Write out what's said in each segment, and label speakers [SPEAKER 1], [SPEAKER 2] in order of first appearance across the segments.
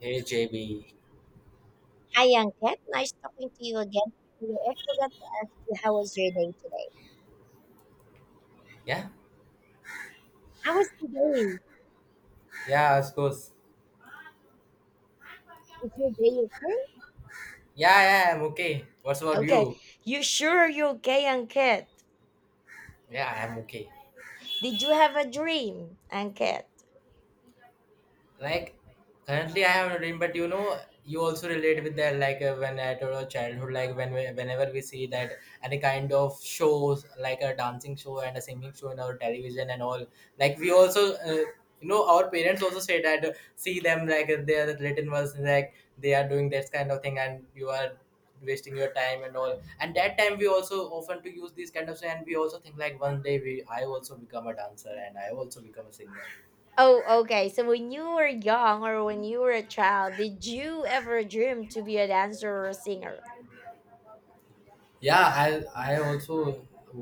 [SPEAKER 1] Hey JB.
[SPEAKER 2] Hi, Yanket. Nice talking to you again. You know, I forgot to ask you how was your day today.
[SPEAKER 1] Yeah,
[SPEAKER 2] How was your day?
[SPEAKER 1] yeah, of course.
[SPEAKER 2] Is your day okay?
[SPEAKER 1] Yeah, yeah, I'm okay. What's about
[SPEAKER 2] Okay.
[SPEAKER 1] you?
[SPEAKER 2] You sure you're okay, Yanket?
[SPEAKER 1] Yeah, I'm okay.
[SPEAKER 2] Did you have a dream, Yanket?
[SPEAKER 1] like currently I have a dream, but you know, you also relate with that. Like when at our childhood, like when whenever we see that any kind of shows like a dancing show and a singing show in our television and all, like we also our parents also say that, see them like they are written was like they are doing this kind of thing and you are wasting your time and all. And that time we also often to use these kind of, and we also think like one day we I also become a dancer and I also become a singer.
[SPEAKER 2] Oh, okay. So when you were young or when you were a child, did you ever dream to be a dancer or a singer?
[SPEAKER 1] Yeah, I also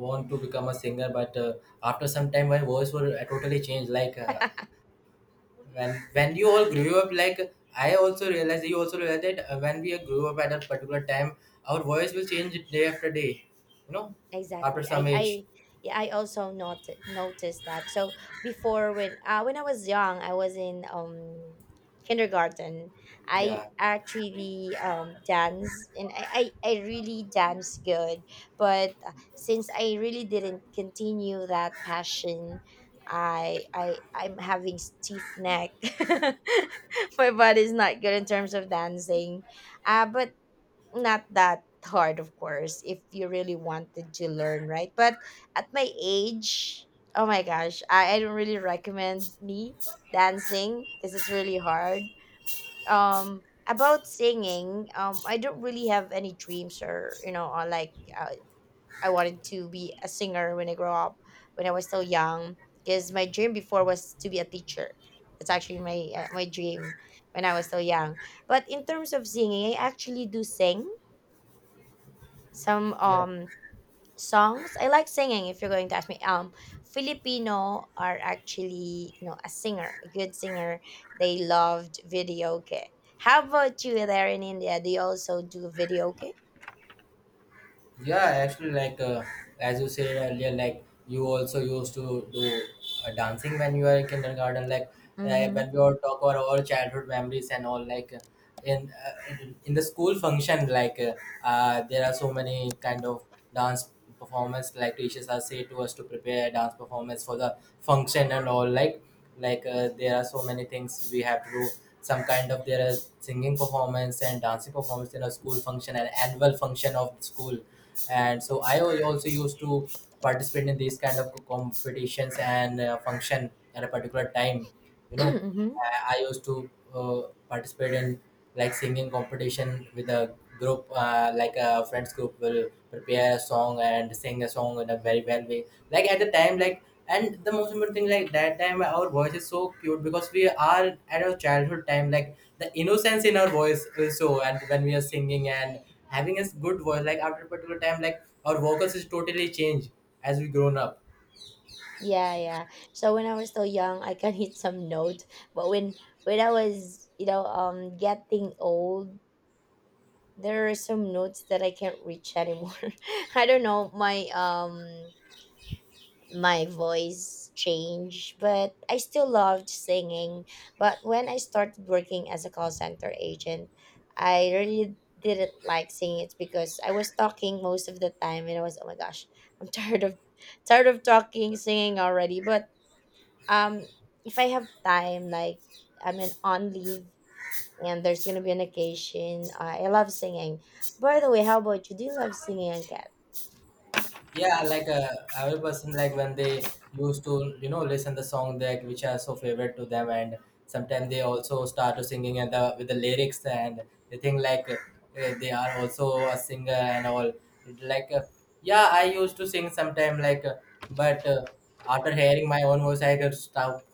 [SPEAKER 1] want to become a singer, but after some time my voice will totally change. Like when you all grew up, like I also realized, you also realized that when we grew up at a particular time, our voice will change day after day, you know, after
[SPEAKER 2] Exactly
[SPEAKER 1] some age.
[SPEAKER 2] I Yeah, I also not noticed that. So before, when I was young, I was in kindergarten. I
[SPEAKER 1] Yeah.
[SPEAKER 2] actually dance, and I really dance good, but since I really didn't continue that passion, I'm having stiff neck. My body's not good in terms of dancing. But not that hard, of course, if you really wanted to learn, right? But at my age, oh my gosh, I don't really recommend me dancing because it's really hard. About singing, I don't really have any dreams, or you know, or like uh, I wanted to be a singer when I grow up, when I was still young, because my dream before was to be a teacher. That's actually my my dream when I was still young. But in terms of singing, I actually do sing some
[SPEAKER 1] Yeah.
[SPEAKER 2] songs. I like singing. If you're going to ask me, Filipino are actually, you know, a singer, a good singer. They loved video, okay? How about you, there in India? Do you also do video, okay?
[SPEAKER 1] Yeah, actually, like as you said earlier, like you also used to do dancing when you were in kindergarten. Like
[SPEAKER 2] Mm-hmm.
[SPEAKER 1] when we all talk about our childhood memories and all, like in uh, in the school function, like there are so many kind of dance performance. Like teachers are say to us to prepare dance performance for the function and all. Like there are so many things we have to do. Some kind of there are singing performance and dancing performance in a school function, an annual function of the school. And so I also used to participate in these kind of competitions and function at a particular time, you know.
[SPEAKER 2] Mm-hmm.
[SPEAKER 1] I used to participate in like singing competition with a group, like a friends group will prepare a song and sing a song in a very well way. Like at the time, like, and the most important thing, like that time, our voice is so cute because we are at our childhood time. Like the innocence in our voice is so, and when we are singing and having a good voice, like after a particular time, like our vocals is totally changed as we grown up.
[SPEAKER 2] Yeah, yeah, so when I was still young, I can hit some notes. But when I was, you know, getting old, there are some notes that I can't reach anymore. I don't know my my voice changed, but I still loved singing. But when I started working as a call center agent, I really didn't like singing. It's because I was talking most of the time, and I was, oh my gosh, I'm tired of talking, singing already. But um, if I have time, like I'm in on leave and there's gonna be an occasion, I love singing. By the way, how about you? Do you love singing, Kat?
[SPEAKER 1] Yeah, like every person, like when they used to listen the song that which are so favorite to them, and sometimes they also start to singing and the with the lyrics, and they think like they are also a singer and all, like yeah, I used to sing sometime, like but after hearing my own voice I could stop,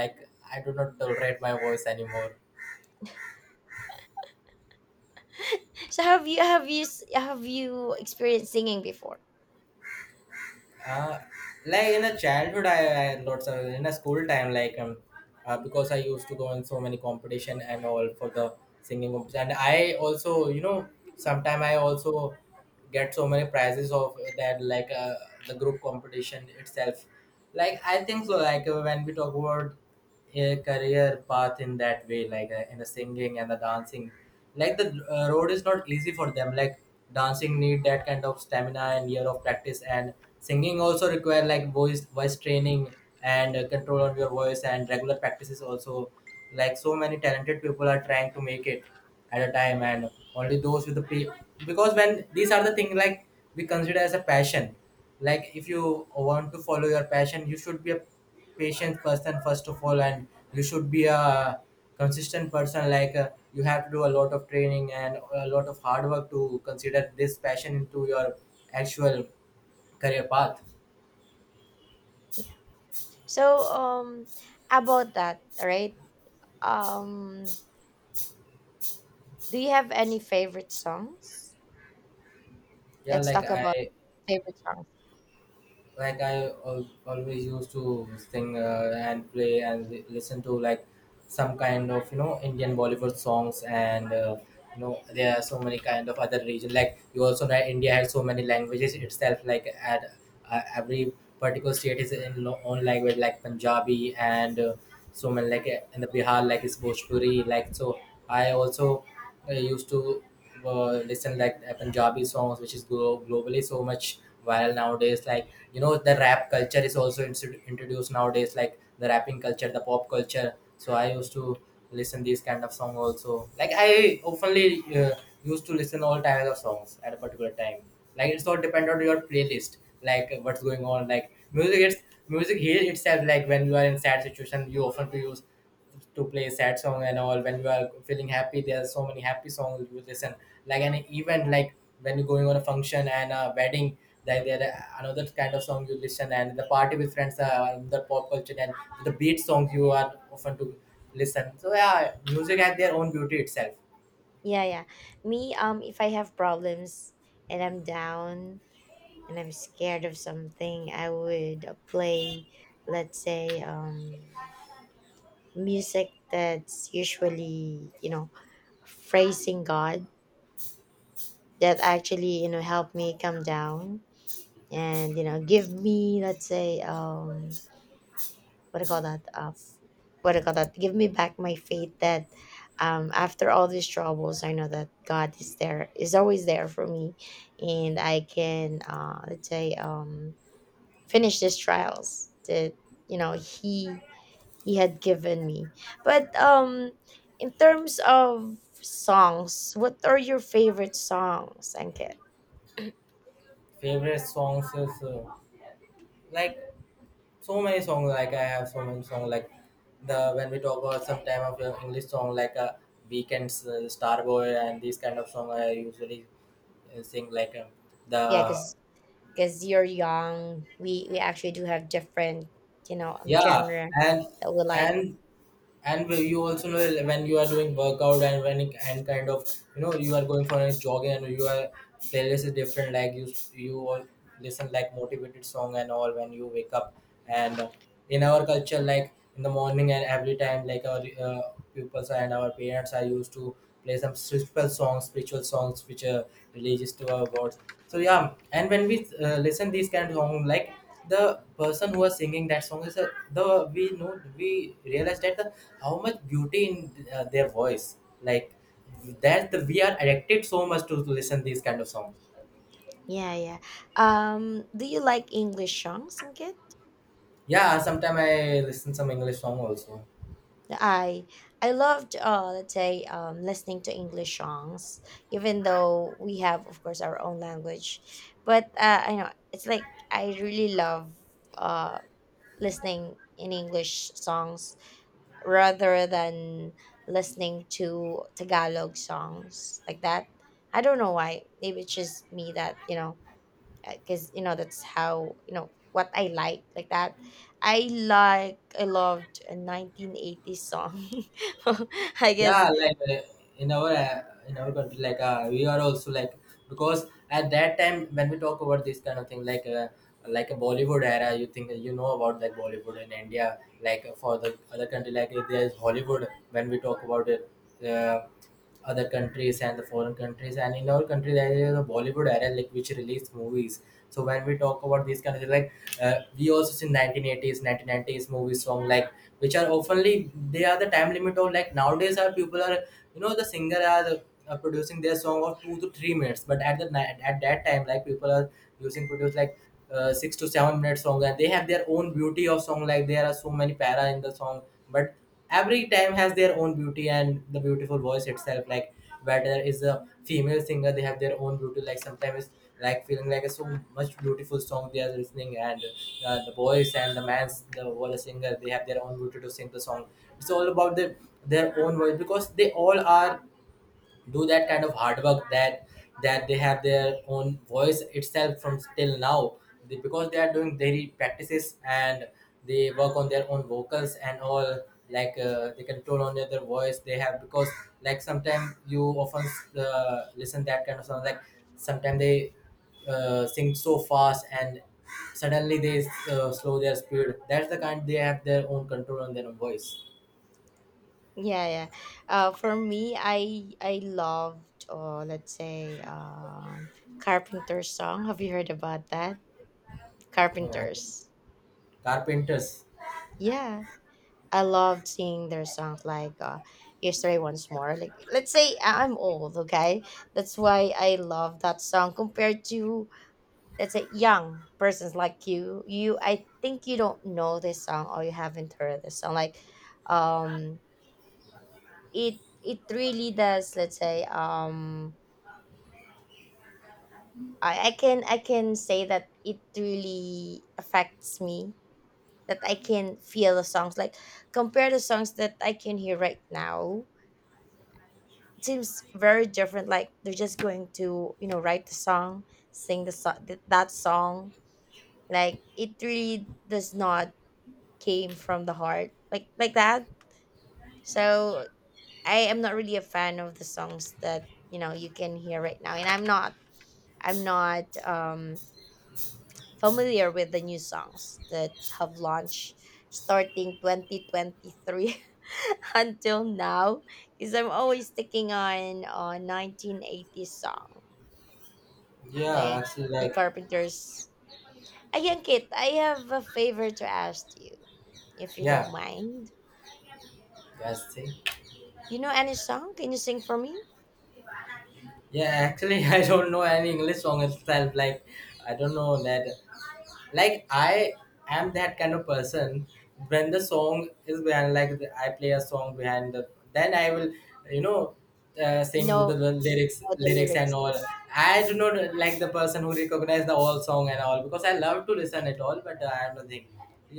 [SPEAKER 1] like I do not tolerate my voice anymore.
[SPEAKER 2] So have you have you experienced singing before?
[SPEAKER 1] Uh, like in a childhood, I lots of in a school time, like because I used to go in so many competition and all for the singing competition. And I also, you know, sometime I also get so many prizes of that, like the group competition itself. Like I think so. Like when we talk about a career path in that way, like in the singing and the dancing, like the road is not easy for them. Like dancing need that kind of stamina and year of practice, and singing also require like voice training and control on your voice and regular practices also. Like so many talented people are trying to make it at a time, and only those with the pre-, because when these are the thing, like we consider as a passion, like if you want to follow your passion you should be a patient person first of all, and you should be a consistent person. Like you have to do a lot of training and a lot of hard work to consider this passion into your actual career path.
[SPEAKER 2] So, about that, right? Um, do you have any favorite songs?
[SPEAKER 1] Yeah,
[SPEAKER 2] Let's
[SPEAKER 1] like
[SPEAKER 2] talk about
[SPEAKER 1] i
[SPEAKER 2] favorite songs.
[SPEAKER 1] like I al- always used to sing and play and listen to like some kind of, you know, Indian Bollywood songs and you know, there are so many kind of other region. Like you also know India has so many languages itself. Like at every particular state is in own language, like Punjabi and so many, like in the Bihar like is Bhojpuri. Like so I also used to listen like Punjabi songs, which is globally so much viral nowadays. Like you know, the rap culture is also introduced nowadays, like the rapping culture, the pop culture. So I used to listen these kind of song also. Like I openly used to listen all types of songs at a particular time. Like it's all depend on your playlist, like what's going on. Like music, it's music heals itself. Like when you are in sad situation, you often to use to play sad song and all. When you are feeling happy, there are so many happy songs you listen. Like an event, like when you're going on a function and a wedding, there are another kind of song you listen, and the party with friends are another pop culture, and the beat songs you are often to listen. So yeah, music has their own beauty itself.
[SPEAKER 2] Yeah, yeah. Me, if I have problems and I'm down and I'm scared of something, I would play, let's say, music that's usually, you know, praising God, that actually, you know, help me come down and, you know, give me, let's say, what do you call that uh, what do you call that, give me back my faith that after all these troubles, I know that God is there, is always there for me, and I can let's say, finish these trials that, you know, he had given me. But in terms of songs, what are your favorite songs, Ankit?
[SPEAKER 1] Favorite songs is like so many songs, like I have so many songs. Like the when we talk about some time of your English song, like weekends, Starboy and these kind of song I usually saying, like the
[SPEAKER 2] Yeah, because you're young, we actually do have different, you know,
[SPEAKER 1] yeah.
[SPEAKER 2] genre
[SPEAKER 1] and
[SPEAKER 2] that we like.
[SPEAKER 1] and and when you also know, when you are doing workout, and kind of, you know, you are going for a jogging, and you are playlist is different. Like you all listen like motivated song and all when you wake up. And in our culture, like in the morning and every time, like our uh, pupils and our parents are used to play some spiritual songs, spiritual songs which are religious to our gods. So yeah, and when we listen these kind of song, like the person who was singing that song is a, the we know we realized that the how much beauty in their voice. Like that the, we are addicted so much to listen these kind of song.
[SPEAKER 2] Yeah, yeah. Do you like English songs, Singkit?
[SPEAKER 1] Yeah, sometimes I listen some English song also.
[SPEAKER 2] I I loved let's say, listening to English songs, even though we have, of course, our own language. But I know it's like I really love uh listening in English songs rather than listening to Tagalog songs like that. I don't know why. Maybe it's just me that, you know, because you know that's how you know what I like that. I loved a 1980s song. I guess
[SPEAKER 1] Yeah, like in our uh, in our country, like we are also like, because at that time when we talk about this kind of thing, like a Bollywood era, you think you know about like Bollywood in India. Like for the other country, like there's Hollywood when we talk about it, uh, other countries and the foreign countries. And in our country there is a Bollywood era like which released movies. So when we talk about these kind of things, like we also see 1980s 1990s movies from, like, which are oftenly they are the time limit of. Like nowadays our people are, you know, the singer are producing their song of 2 to 3 minutes, but at the at that time, like people are using produce like 6 to 7 minute song, and they have their own beauty of song. Like there are so many para in the song. But every time has their own beauty and the beautiful voice itself. Like whether is a female singer, they have their own beauty. Like sometimes like feeling like a so much beautiful song they are listening. And the boys and the man's the wall singer, they have their own beauty to sing the song. It's all about the their own voice, because they all are do that kind of hard work, that that they have their own voice itself from till now. They, because they are doing daily practices and they work on their own vocals and all. Like they control on their voice they have, because like sometimes you often listen that kind of song. Like sometimes they sing so fast and suddenly they slow their speed. That's the kind they have their own control on their own voice.
[SPEAKER 2] yeah yeah. For me, I loved let's say, Carpenter's song. Have you heard about that?
[SPEAKER 1] Uh,
[SPEAKER 2] Carpenters.
[SPEAKER 1] carpenters.
[SPEAKER 2] Yeah. I loved singing their songs like Yesterday Once More. Like, let's say I'm old, okay? That's why I love that song compared to, let's say, young persons like you. I think you don't know this song, or you haven't heard this song like um it it really does, let's say, I can I can say that it really affects me, that I can feel the songs, like compare the songs that I can hear right now. It seems very different. Like they're just going to, you know, write the song, sing the song, that song. Like it really does not came from the heart like that. So I am not really a fan of the songs that, you know, you can hear right now, and I'm not familiar with the new songs that have launched starting 2023 until now, because I'm always sticking on a 1980s song
[SPEAKER 1] Yeah,
[SPEAKER 2] like
[SPEAKER 1] actually,
[SPEAKER 2] the
[SPEAKER 1] like.
[SPEAKER 2] Carpenters. Again, Kit, I have a favor to ask you, if you
[SPEAKER 1] Yeah,
[SPEAKER 2] don't mind.
[SPEAKER 1] that's it.
[SPEAKER 2] You know any song? Can you sing for me?
[SPEAKER 1] Yeah, actually, I don't know any English song itself. Like, I don't know that. Like, I am that kind of person. When the song is behind, like I play a song behind, the, then I will, you know,
[SPEAKER 2] You
[SPEAKER 1] sing with the
[SPEAKER 2] know, you
[SPEAKER 1] lyrics,
[SPEAKER 2] know the
[SPEAKER 1] lyrics and
[SPEAKER 2] lyrics.
[SPEAKER 1] all. I do not like the person who recognize the whole song and all, because I love to listen it all, but I am not thing.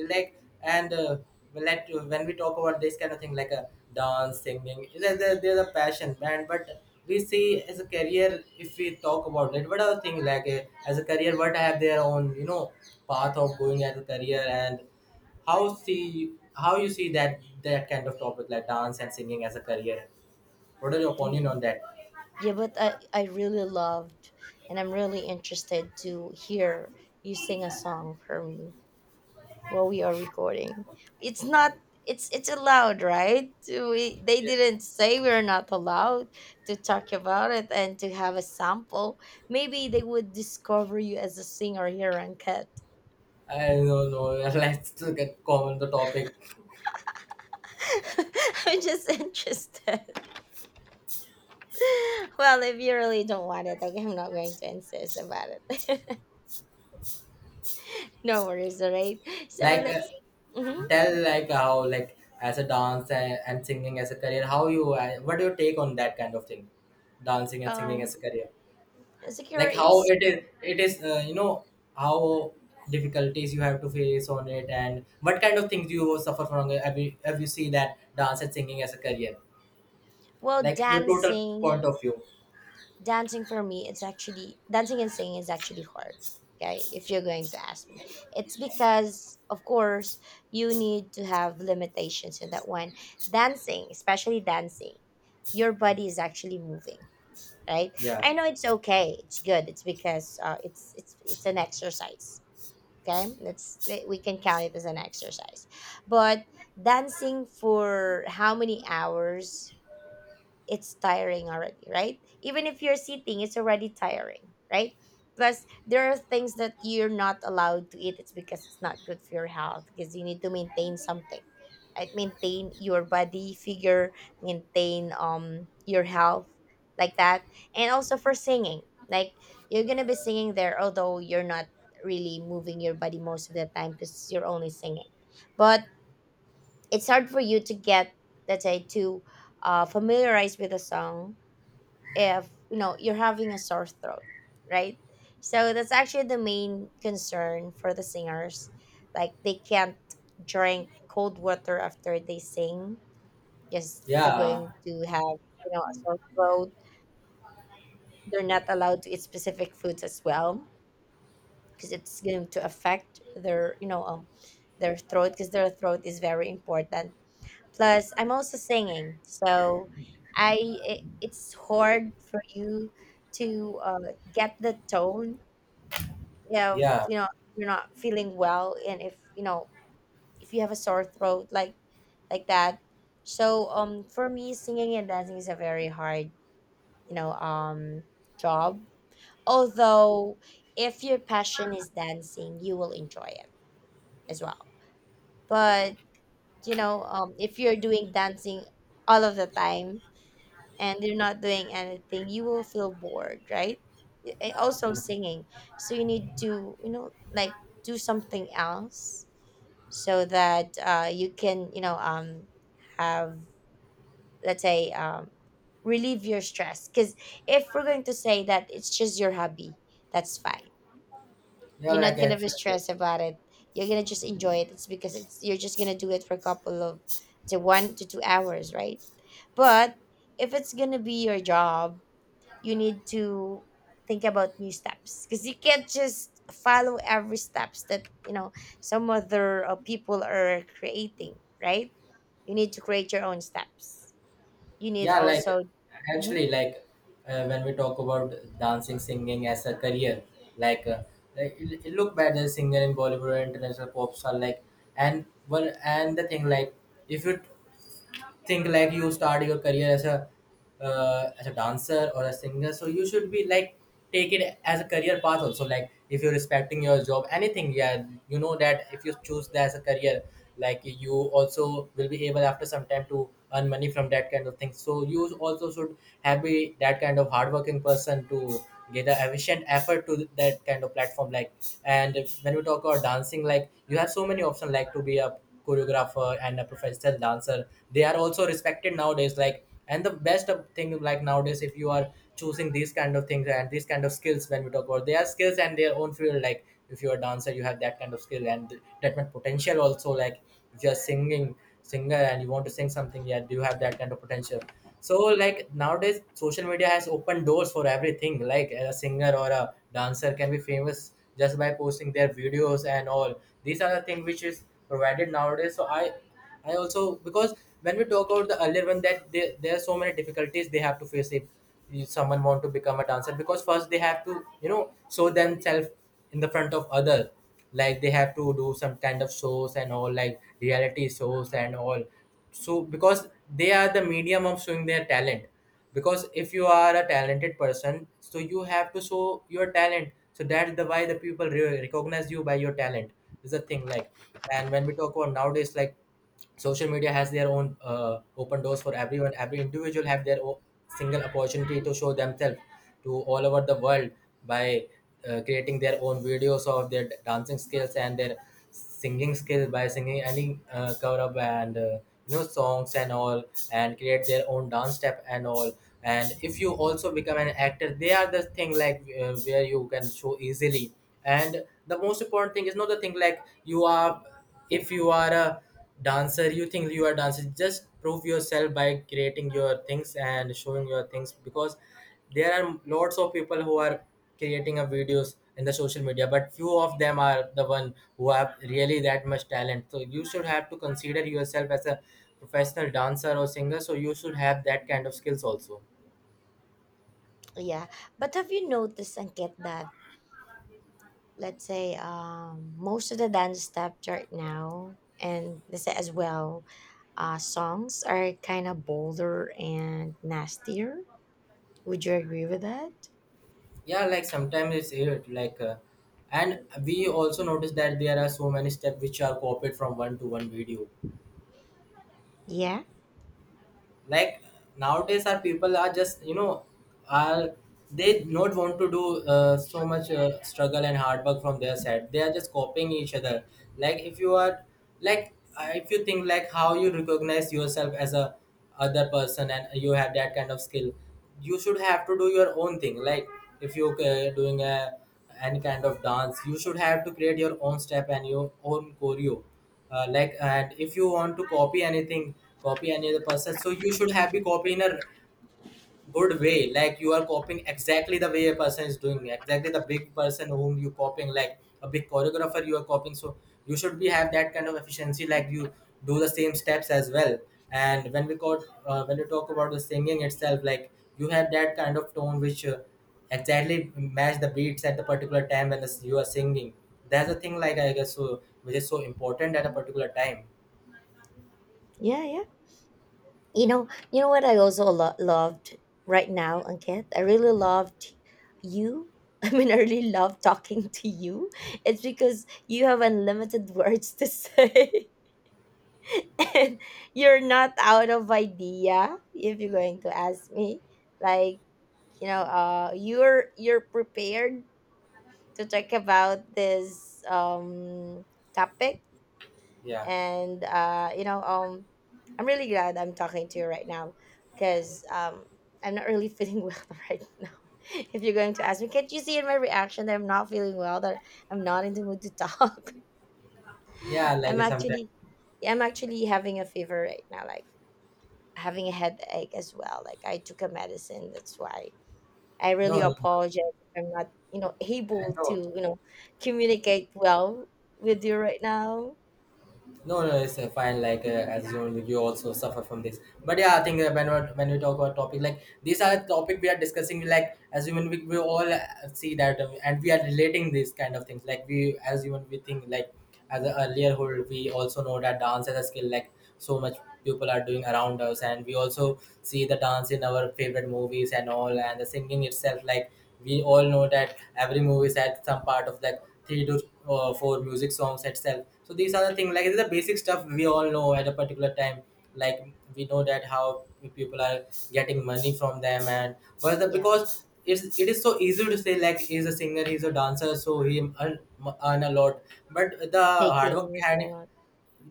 [SPEAKER 1] Like, and. Let when we talk about this kind of thing like a dance singing there's a passion band but we see as a career. If we talk about it, what are thing like as a career what I have their own path of going as a career and how see how you see that that kind of topic like dance and singing as a career, what are your opinion
[SPEAKER 2] Mm.
[SPEAKER 1] on that?
[SPEAKER 2] Yeah, but I really loved and I'm really interested to hear you sing a song for me while we are recording. It's not, it's allowed, right? We, they
[SPEAKER 1] Yeah.
[SPEAKER 2] didn't say we're not allowed to talk about it and to have a sample. Maybe they would discover you as a singer here on Cat.
[SPEAKER 1] I don't know. Let's look at common the topic
[SPEAKER 2] I'm just interested. Well, if you really don't want it, okay, I'm not going to insist about it. No worries, alright. So
[SPEAKER 1] like
[SPEAKER 2] let's hmm,
[SPEAKER 1] tell like how like as a dance and singing as a career how you what do you take on that kind of thing, dancing and singing as
[SPEAKER 2] um
[SPEAKER 1] a career?
[SPEAKER 2] secure,
[SPEAKER 1] Like how
[SPEAKER 2] it's
[SPEAKER 1] it is, it is how difficulties you have to face on it and what kind of things you suffer from it. Have you, have you see that dance and singing as a career,
[SPEAKER 2] well,
[SPEAKER 1] like your total point of view?
[SPEAKER 2] dancing for me, it's actually, dancing and singing is actually hard. Okay, if you're going to ask me. It's because, of course, you need to have limitations in that one. Dancing, especially dancing, your body is actually moving, right?
[SPEAKER 1] Yeah,
[SPEAKER 2] I know it's okay, it's good, it's because it's an exercise. Okay, we can count it as an exercise. But dancing for how many hours, it's tiring already, right? Even if you're sitting, it's already tiring, right? Plus, there are things that you're not allowed to eat. It's because it's not good for your health, because you need to maintain something. Right? Maintain your body figure, maintain your health like that. And also for singing. Like you're gonna be singing there, although you're not really moving your body most of the time because you're only singing. But it's hard for you to get, let's say, to familiarize with the song if you know you're having a sore throat, right? So that's actually the main concern for the singers. Like they can't drink cold water after they sing, because they're
[SPEAKER 1] yeah,
[SPEAKER 2] going to have, you know, a sore throat. They're not allowed to eat specific foods as well, because it's going to affect their, you know, their throat, because their throat is very important. Plus, I'm also singing, so I it's hard for you to get the tone if
[SPEAKER 1] yeah.
[SPEAKER 2] you know you're not feeling well, and if you know if you have a sore throat like that. So for me, singing and dancing is a very hard, you know, job. Although, if your passion is dancing, you will enjoy it as well. But you know, if you're doing dancing all of the time, and you're not doing anything, you will feel bored, right? And also singing. So you need to, you know, like do something else so that you can, you know, have, let's say, relieve your stress. Because if we're going to say that it's just your hobby, that's fine.
[SPEAKER 1] Yeah,
[SPEAKER 2] You're
[SPEAKER 1] like
[SPEAKER 2] not gonna be
[SPEAKER 1] actually, yeah.
[SPEAKER 2] stressed about it. You're gonna just enjoy it. It's because it's, you're just gonna do it for a couple of, say, 1 to 2 hours, right? But if it's gonna be your job, you need to think about new steps, because you can't just follow every steps that, you know, some other people are creating, right? You need to create your own steps. You need
[SPEAKER 1] Yeah, like
[SPEAKER 2] also mhm,
[SPEAKER 1] actually like when we talk about dancing singing as a career, like uh, like, you- you look back the singer in Bollywood or international pop star like, and well and the thing like if you think like you start your career as a dancer or a singer, so you should be like take it as a career path also. Like if you're respecting your job anything, yeah, you know that if you choose that as a career, like you also will be able after some time to earn money from that kind of thing, so you also should have be that kind of hardworking person to get the efficient effort to that kind of platform like. And when we talk about dancing, like you have so many options, like to be a choreographer and a professional dancer. They are also respected nowadays like, and the best of thing like nowadays, if you are choosing these kind of things and these kind of skills, when we talk about their skills and their own field, like if you're a dancer, you have that kind of skill and that much potential also. Like if you're singing singer and you want to sing something, yeah, do you have that kind of potential? So like nowadays social media has opened doors for everything, like a singer or a dancer can be famous just by posting their videos and all. These are the things which is provided nowadays, so I also because when we talk about the earlier one that they, there are so many difficulties they have to face if someone want to become a dancer, because first they have to you know show themselves in the front of other. Like they have to do some kind of shows and all, like reality shows and all, so because they are the medium of showing their talent, because if you are a talented person, so you have to show your talent, so that's the why the people recognize you by your talent is the thing like. And when we talk about nowadays, like social media has their own open doors for everyone. Every individual have their own single opportunity to show themselves to all over the world by creating their own videos of their dancing skills and their singing skills by singing any cover up and you know songs and all, and create their own dance step and all. And if you also become an actor, they are the thing like where you can show easily. And the most important thing is not the thing like you are, if you are a dancer, you think you are dancer. Just prove yourself by creating your things and showing your things, because there are lots of people who are creating a videos in the social media, but few of them are the one who have really that much talent, so you should have to consider yourself as a professional dancer or singer, so you should have that kind of skills also.
[SPEAKER 2] yeah, but have you noticed, and get that, let's say, most of the dance steps right now, and let's say as well, songs are kind of bolder and nastier, would you agree with that?
[SPEAKER 1] Yeah, like sometimes it's it like and we also notice that there are so many steps which are copied from one to one video.
[SPEAKER 2] Yeah,
[SPEAKER 1] Like nowadays our people are just you know are they not want to do so much struggle and hard work from their side, they are just copying each other. Like if you are like if you think like how you recognize yourself as a other person and you have that kind of skill, you should have to do your own thing. Like if you doing a any kind of dance, you should have to create your own step and your own choreo like. And if you want to copy anything, copy any other person, so you should have be copy in a good way, like you are copying exactly the way a person is doing, exactly the big person whom you copying, like a big choreographer you are copying, so you should be have that kind of efficiency like you do the same steps as well. And when we got when you talk about the singing itself, like you have that kind of tone which exactly match the beats at the particular time when the, you are singing. That's the thing like, I guess, so which is so important at a particular time.
[SPEAKER 2] yeah, yeah. You know what I also loved right now, Ankit? I really loved you. I mean, I really love talking to you. It's because you have unlimited words to say. And you're not out of idea if you're going to ask me. Like, you know, you're prepared to talk about this topic,
[SPEAKER 1] Yeah.
[SPEAKER 2] and you know, I'm really glad I'm talking to you right now, because I'm not really feeling well right now. If you're going to ask me, can't you see in my reaction that I'm not feeling well, that I'm not in the mood to talk?
[SPEAKER 1] Yeah,
[SPEAKER 2] I'm
[SPEAKER 1] like sometimes.
[SPEAKER 2] actually, yeah, I'm actually having a fever right now, like having a headache as well, like I took a medicine. That's why I
[SPEAKER 1] No,
[SPEAKER 2] really
[SPEAKER 1] no, no,
[SPEAKER 2] apologize if I'm not, you know,
[SPEAKER 1] I
[SPEAKER 2] able
[SPEAKER 1] know.
[SPEAKER 2] to, you know, communicate well with you right now.
[SPEAKER 1] No, no, it's fine. Like as you you also suffer from this, but yeah, I think when we talk about topic like, these are topic we are discussing. Like as human, we all see that, and we are relating these kind of things. Like we as human, we think like as a earlier hold, we also know that dance as a skill. Like so much people are doing around us, and we also see the dance in our favorite movies and all, and the singing itself. Like we all know that every movie had some part of like three to four music songs itself. So these are the thing like it's the basic stuff we all know at a particular time. Like we know that how people are getting money from them, and well the,
[SPEAKER 2] Yeah,
[SPEAKER 1] because it's it is so easy to say like he's a singer, he's a dancer, so he earn, earn a lot, but the hard work behind
[SPEAKER 2] making a
[SPEAKER 1] it,
[SPEAKER 2] lot.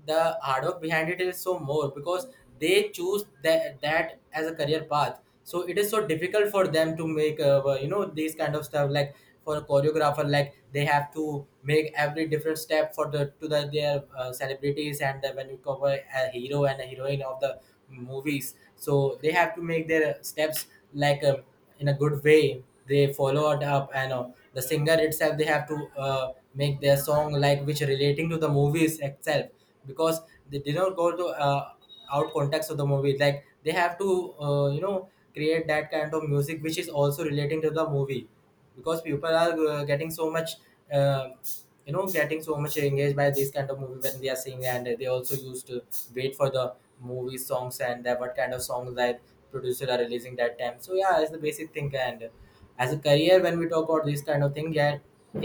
[SPEAKER 1] the hard work behind it is so more because they choose that that as a career path, so it is so difficult for them to make you know these kind of stuff. Like for a choreographer, like they have to make every different step for the to the their celebrities, and the, when you cover a hero and a heroine of the movies, so they have to make their steps like in a good way they follow it up, and the singer itself they have to make their song like which relating to the movies itself, because they did not go to out context of the movie. Like they have to you know create that kind of music which is also relating to the movie, because people are getting so much uh, you know getting so much engaged by this kind of movie when they are seeing, and they also used to wait for the movie songs and that what kind of songs that producer are releasing that time. So yeah, it's the basic thing. And as a career, when we talk about this kind of thing, yeah,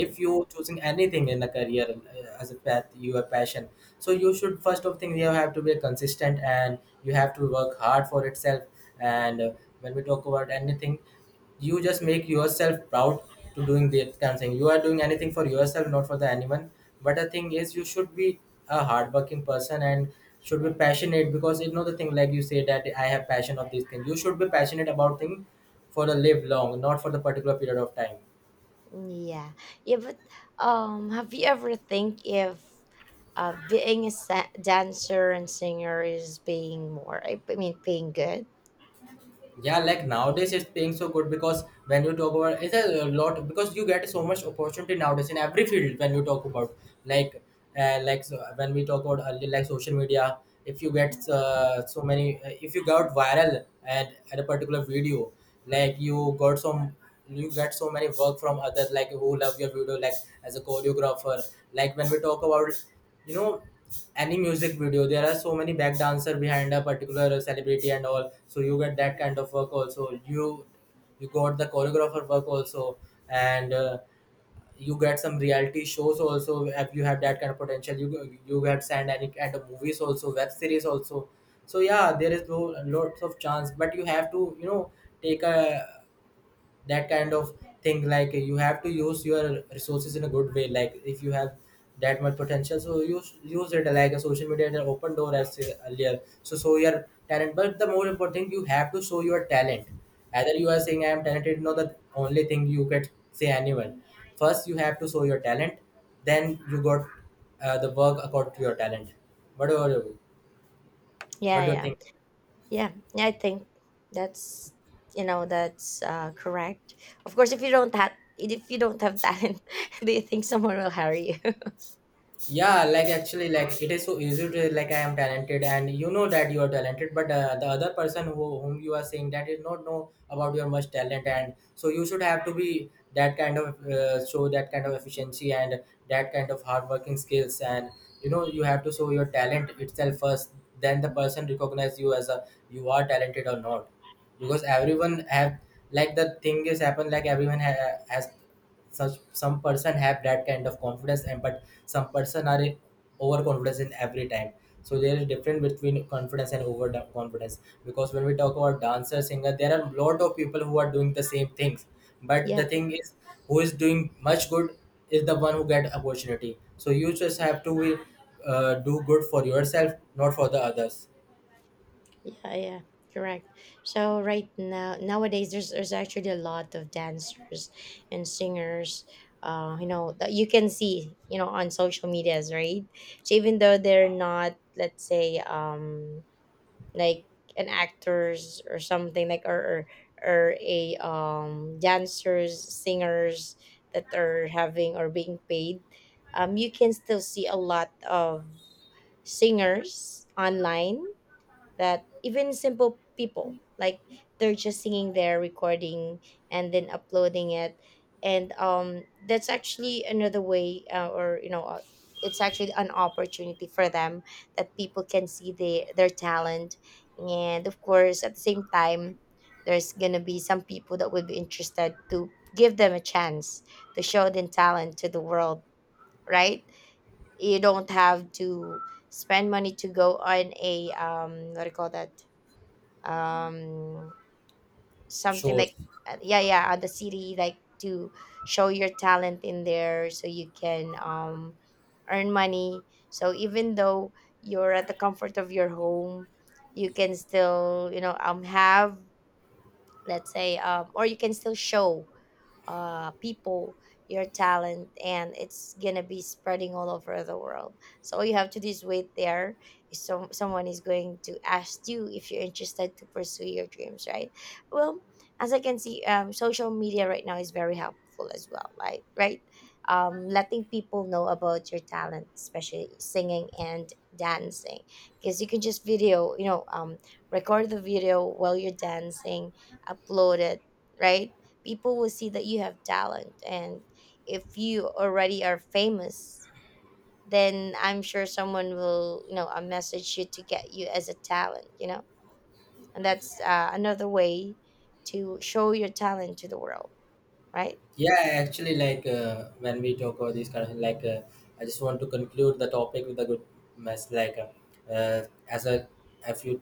[SPEAKER 1] if you choosing anything in a career as a path your passion, so you should first of thing you have to be consistent, and you have to work hard for itself. And when we talk about anything, you just make yourself proud to doing that kind of thing. You are doing anything for yourself, not for the anyone. But the thing is you should be a hardworking person and should be passionate, because you know the thing like you say that I have passion of this thing, you should be passionate about thing for the live long, not for the particular period of time.
[SPEAKER 2] Yeah. Yeah, but have you ever think if being a dancer and singer is paying more, I mean paying good?
[SPEAKER 1] Yeah, like nowadays it's paying so good, because when you talk about it's a lot, because you get so much opportunity nowadays in every field. When you talk about like like, so when we talk about early, like social media, if you get so many if you got viral at a particular video, like you got some, you get so many work from others like who love your video. Like as a choreographer, like when we talk about you know any music video, there are so many back dancer behind a particular celebrity and all, so you get that kind of work also. You got the choreographer work also, and you get some reality shows also. Have you have that kind of potential, you get signed any kind of movies also, web series also. So yeah, there is no lots of chance, but you have to take a that kind of thing. Like you have to use your resources in a good way, like if you have that much potential, so use it like a social media is an open door as earlier, so show your talent. But the more important thing, you have to show your talent. Either you are saying I am talented, no, the only thing you can say anyone, first you have to show your talent, then you got the work according to your talent. what do you what
[SPEAKER 2] Yeah,
[SPEAKER 1] do you
[SPEAKER 2] yeah.
[SPEAKER 1] think?
[SPEAKER 2] Yeah. Yeah, I think that's, you know, that's correct. Of course, if you don't have, if you don't have talent, do you think someone will hire you?
[SPEAKER 1] Yeah, like actually, like it is so easy to like I am talented and you know that you are talented, but the other person who, whom you are saying that is not know about your much talent. And so you should have to be that kind of show that kind of efficiency and that kind of hard working skills. And you know, you have to show your talent itself first, then the person recognize you as a you are talented or not. Because everyone have, like the thing is happen like everyone has, such some person have that kind of confidence and but some person are overconfidence in every time. So there is difference between confidence and over confidence. Because when we talk about dancer singer, there are lot of people who are doing the same things, but the
[SPEAKER 2] Yeah,
[SPEAKER 1] thing is who is doing much good is the one who get opportunity. So you just have to do good for yourself, not for the others.
[SPEAKER 2] yeah, yeah, correct. So right now, nowadays, there's actually a lot of dancers and singers. You know that you can see, you know, on social medias, right? So even though they're not, let's say, like an actors or something like or a dancers, singers that are having or being paid, you can still see a lot of singers online that even simple people like they're just singing their recording and then uploading it. And that's actually another way, or you know, it's actually an opportunity for them, that people can see the, their talent. And of course, at the same time, there's gonna be some people that would be interested to give them a chance to show their talent to the world, right? You don't have to spend money to go on a what do you call that, um something
[SPEAKER 1] Shows.
[SPEAKER 2] like yeah, yeah, at the city like to show your talent in there, so you can earn money. So even though you're at the comfort of your home, you can still, you know, have, let's say, or you can still show people your talent, and it's gonna be spreading all over the world. So all you have to do is wait there, if some, someone is going to ask you if you're interested to pursue your dreams, right? Well, as I can see, social media right now is very helpful as well, right, right? Um, letting people know about your talent, especially singing and dancing, because you can just video, you know, record the video while you're dancing, upload it, right? People will see that you have talent, and if you already are famous, then I'm sure someone will, you know, message you to get you as a talent, you know. And that's another way to show your talent to the world, right?
[SPEAKER 1] Yeah, actually, like when we talk about these kind of like, I just want to conclude the topic with a good mess. Like, as a, if you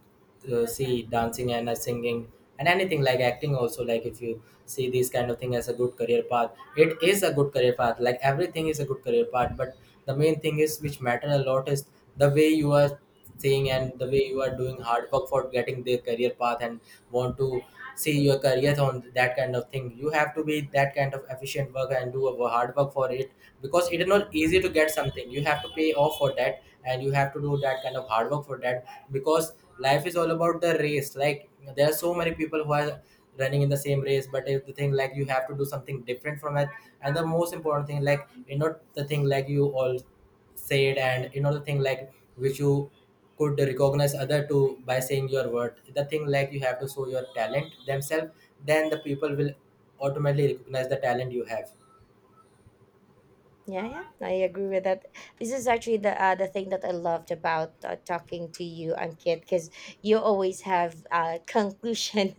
[SPEAKER 1] see dancing and singing and anything like acting also, like if you see this kind of thing as a good career path, it is a good career path. Like everything is a good career path, but the main thing is which matter a lot is the way you are saying and the way you are doing hard work for getting their career path and want to see your career on that kind of thing. You have to be that kind of efficient work and do a hard work for it. Because it is not easy to get something, you have to pay off for that and you have to do that kind of hard work for that. Because life is all about the race. Like there are so many people who are running in the same race, but if the thing like you have to do something different from it. And the most important thing, like you know the thing like you all said and you know the thing like which you could recognize other to by saying your word, the thing like you have to show your talent themselves, then the people will automatically recognize the talent you have.
[SPEAKER 2] Yeah, yeah, I agree with that. This is actually the thing that I loved about talking to you, Ankit, because you always have a conclusion.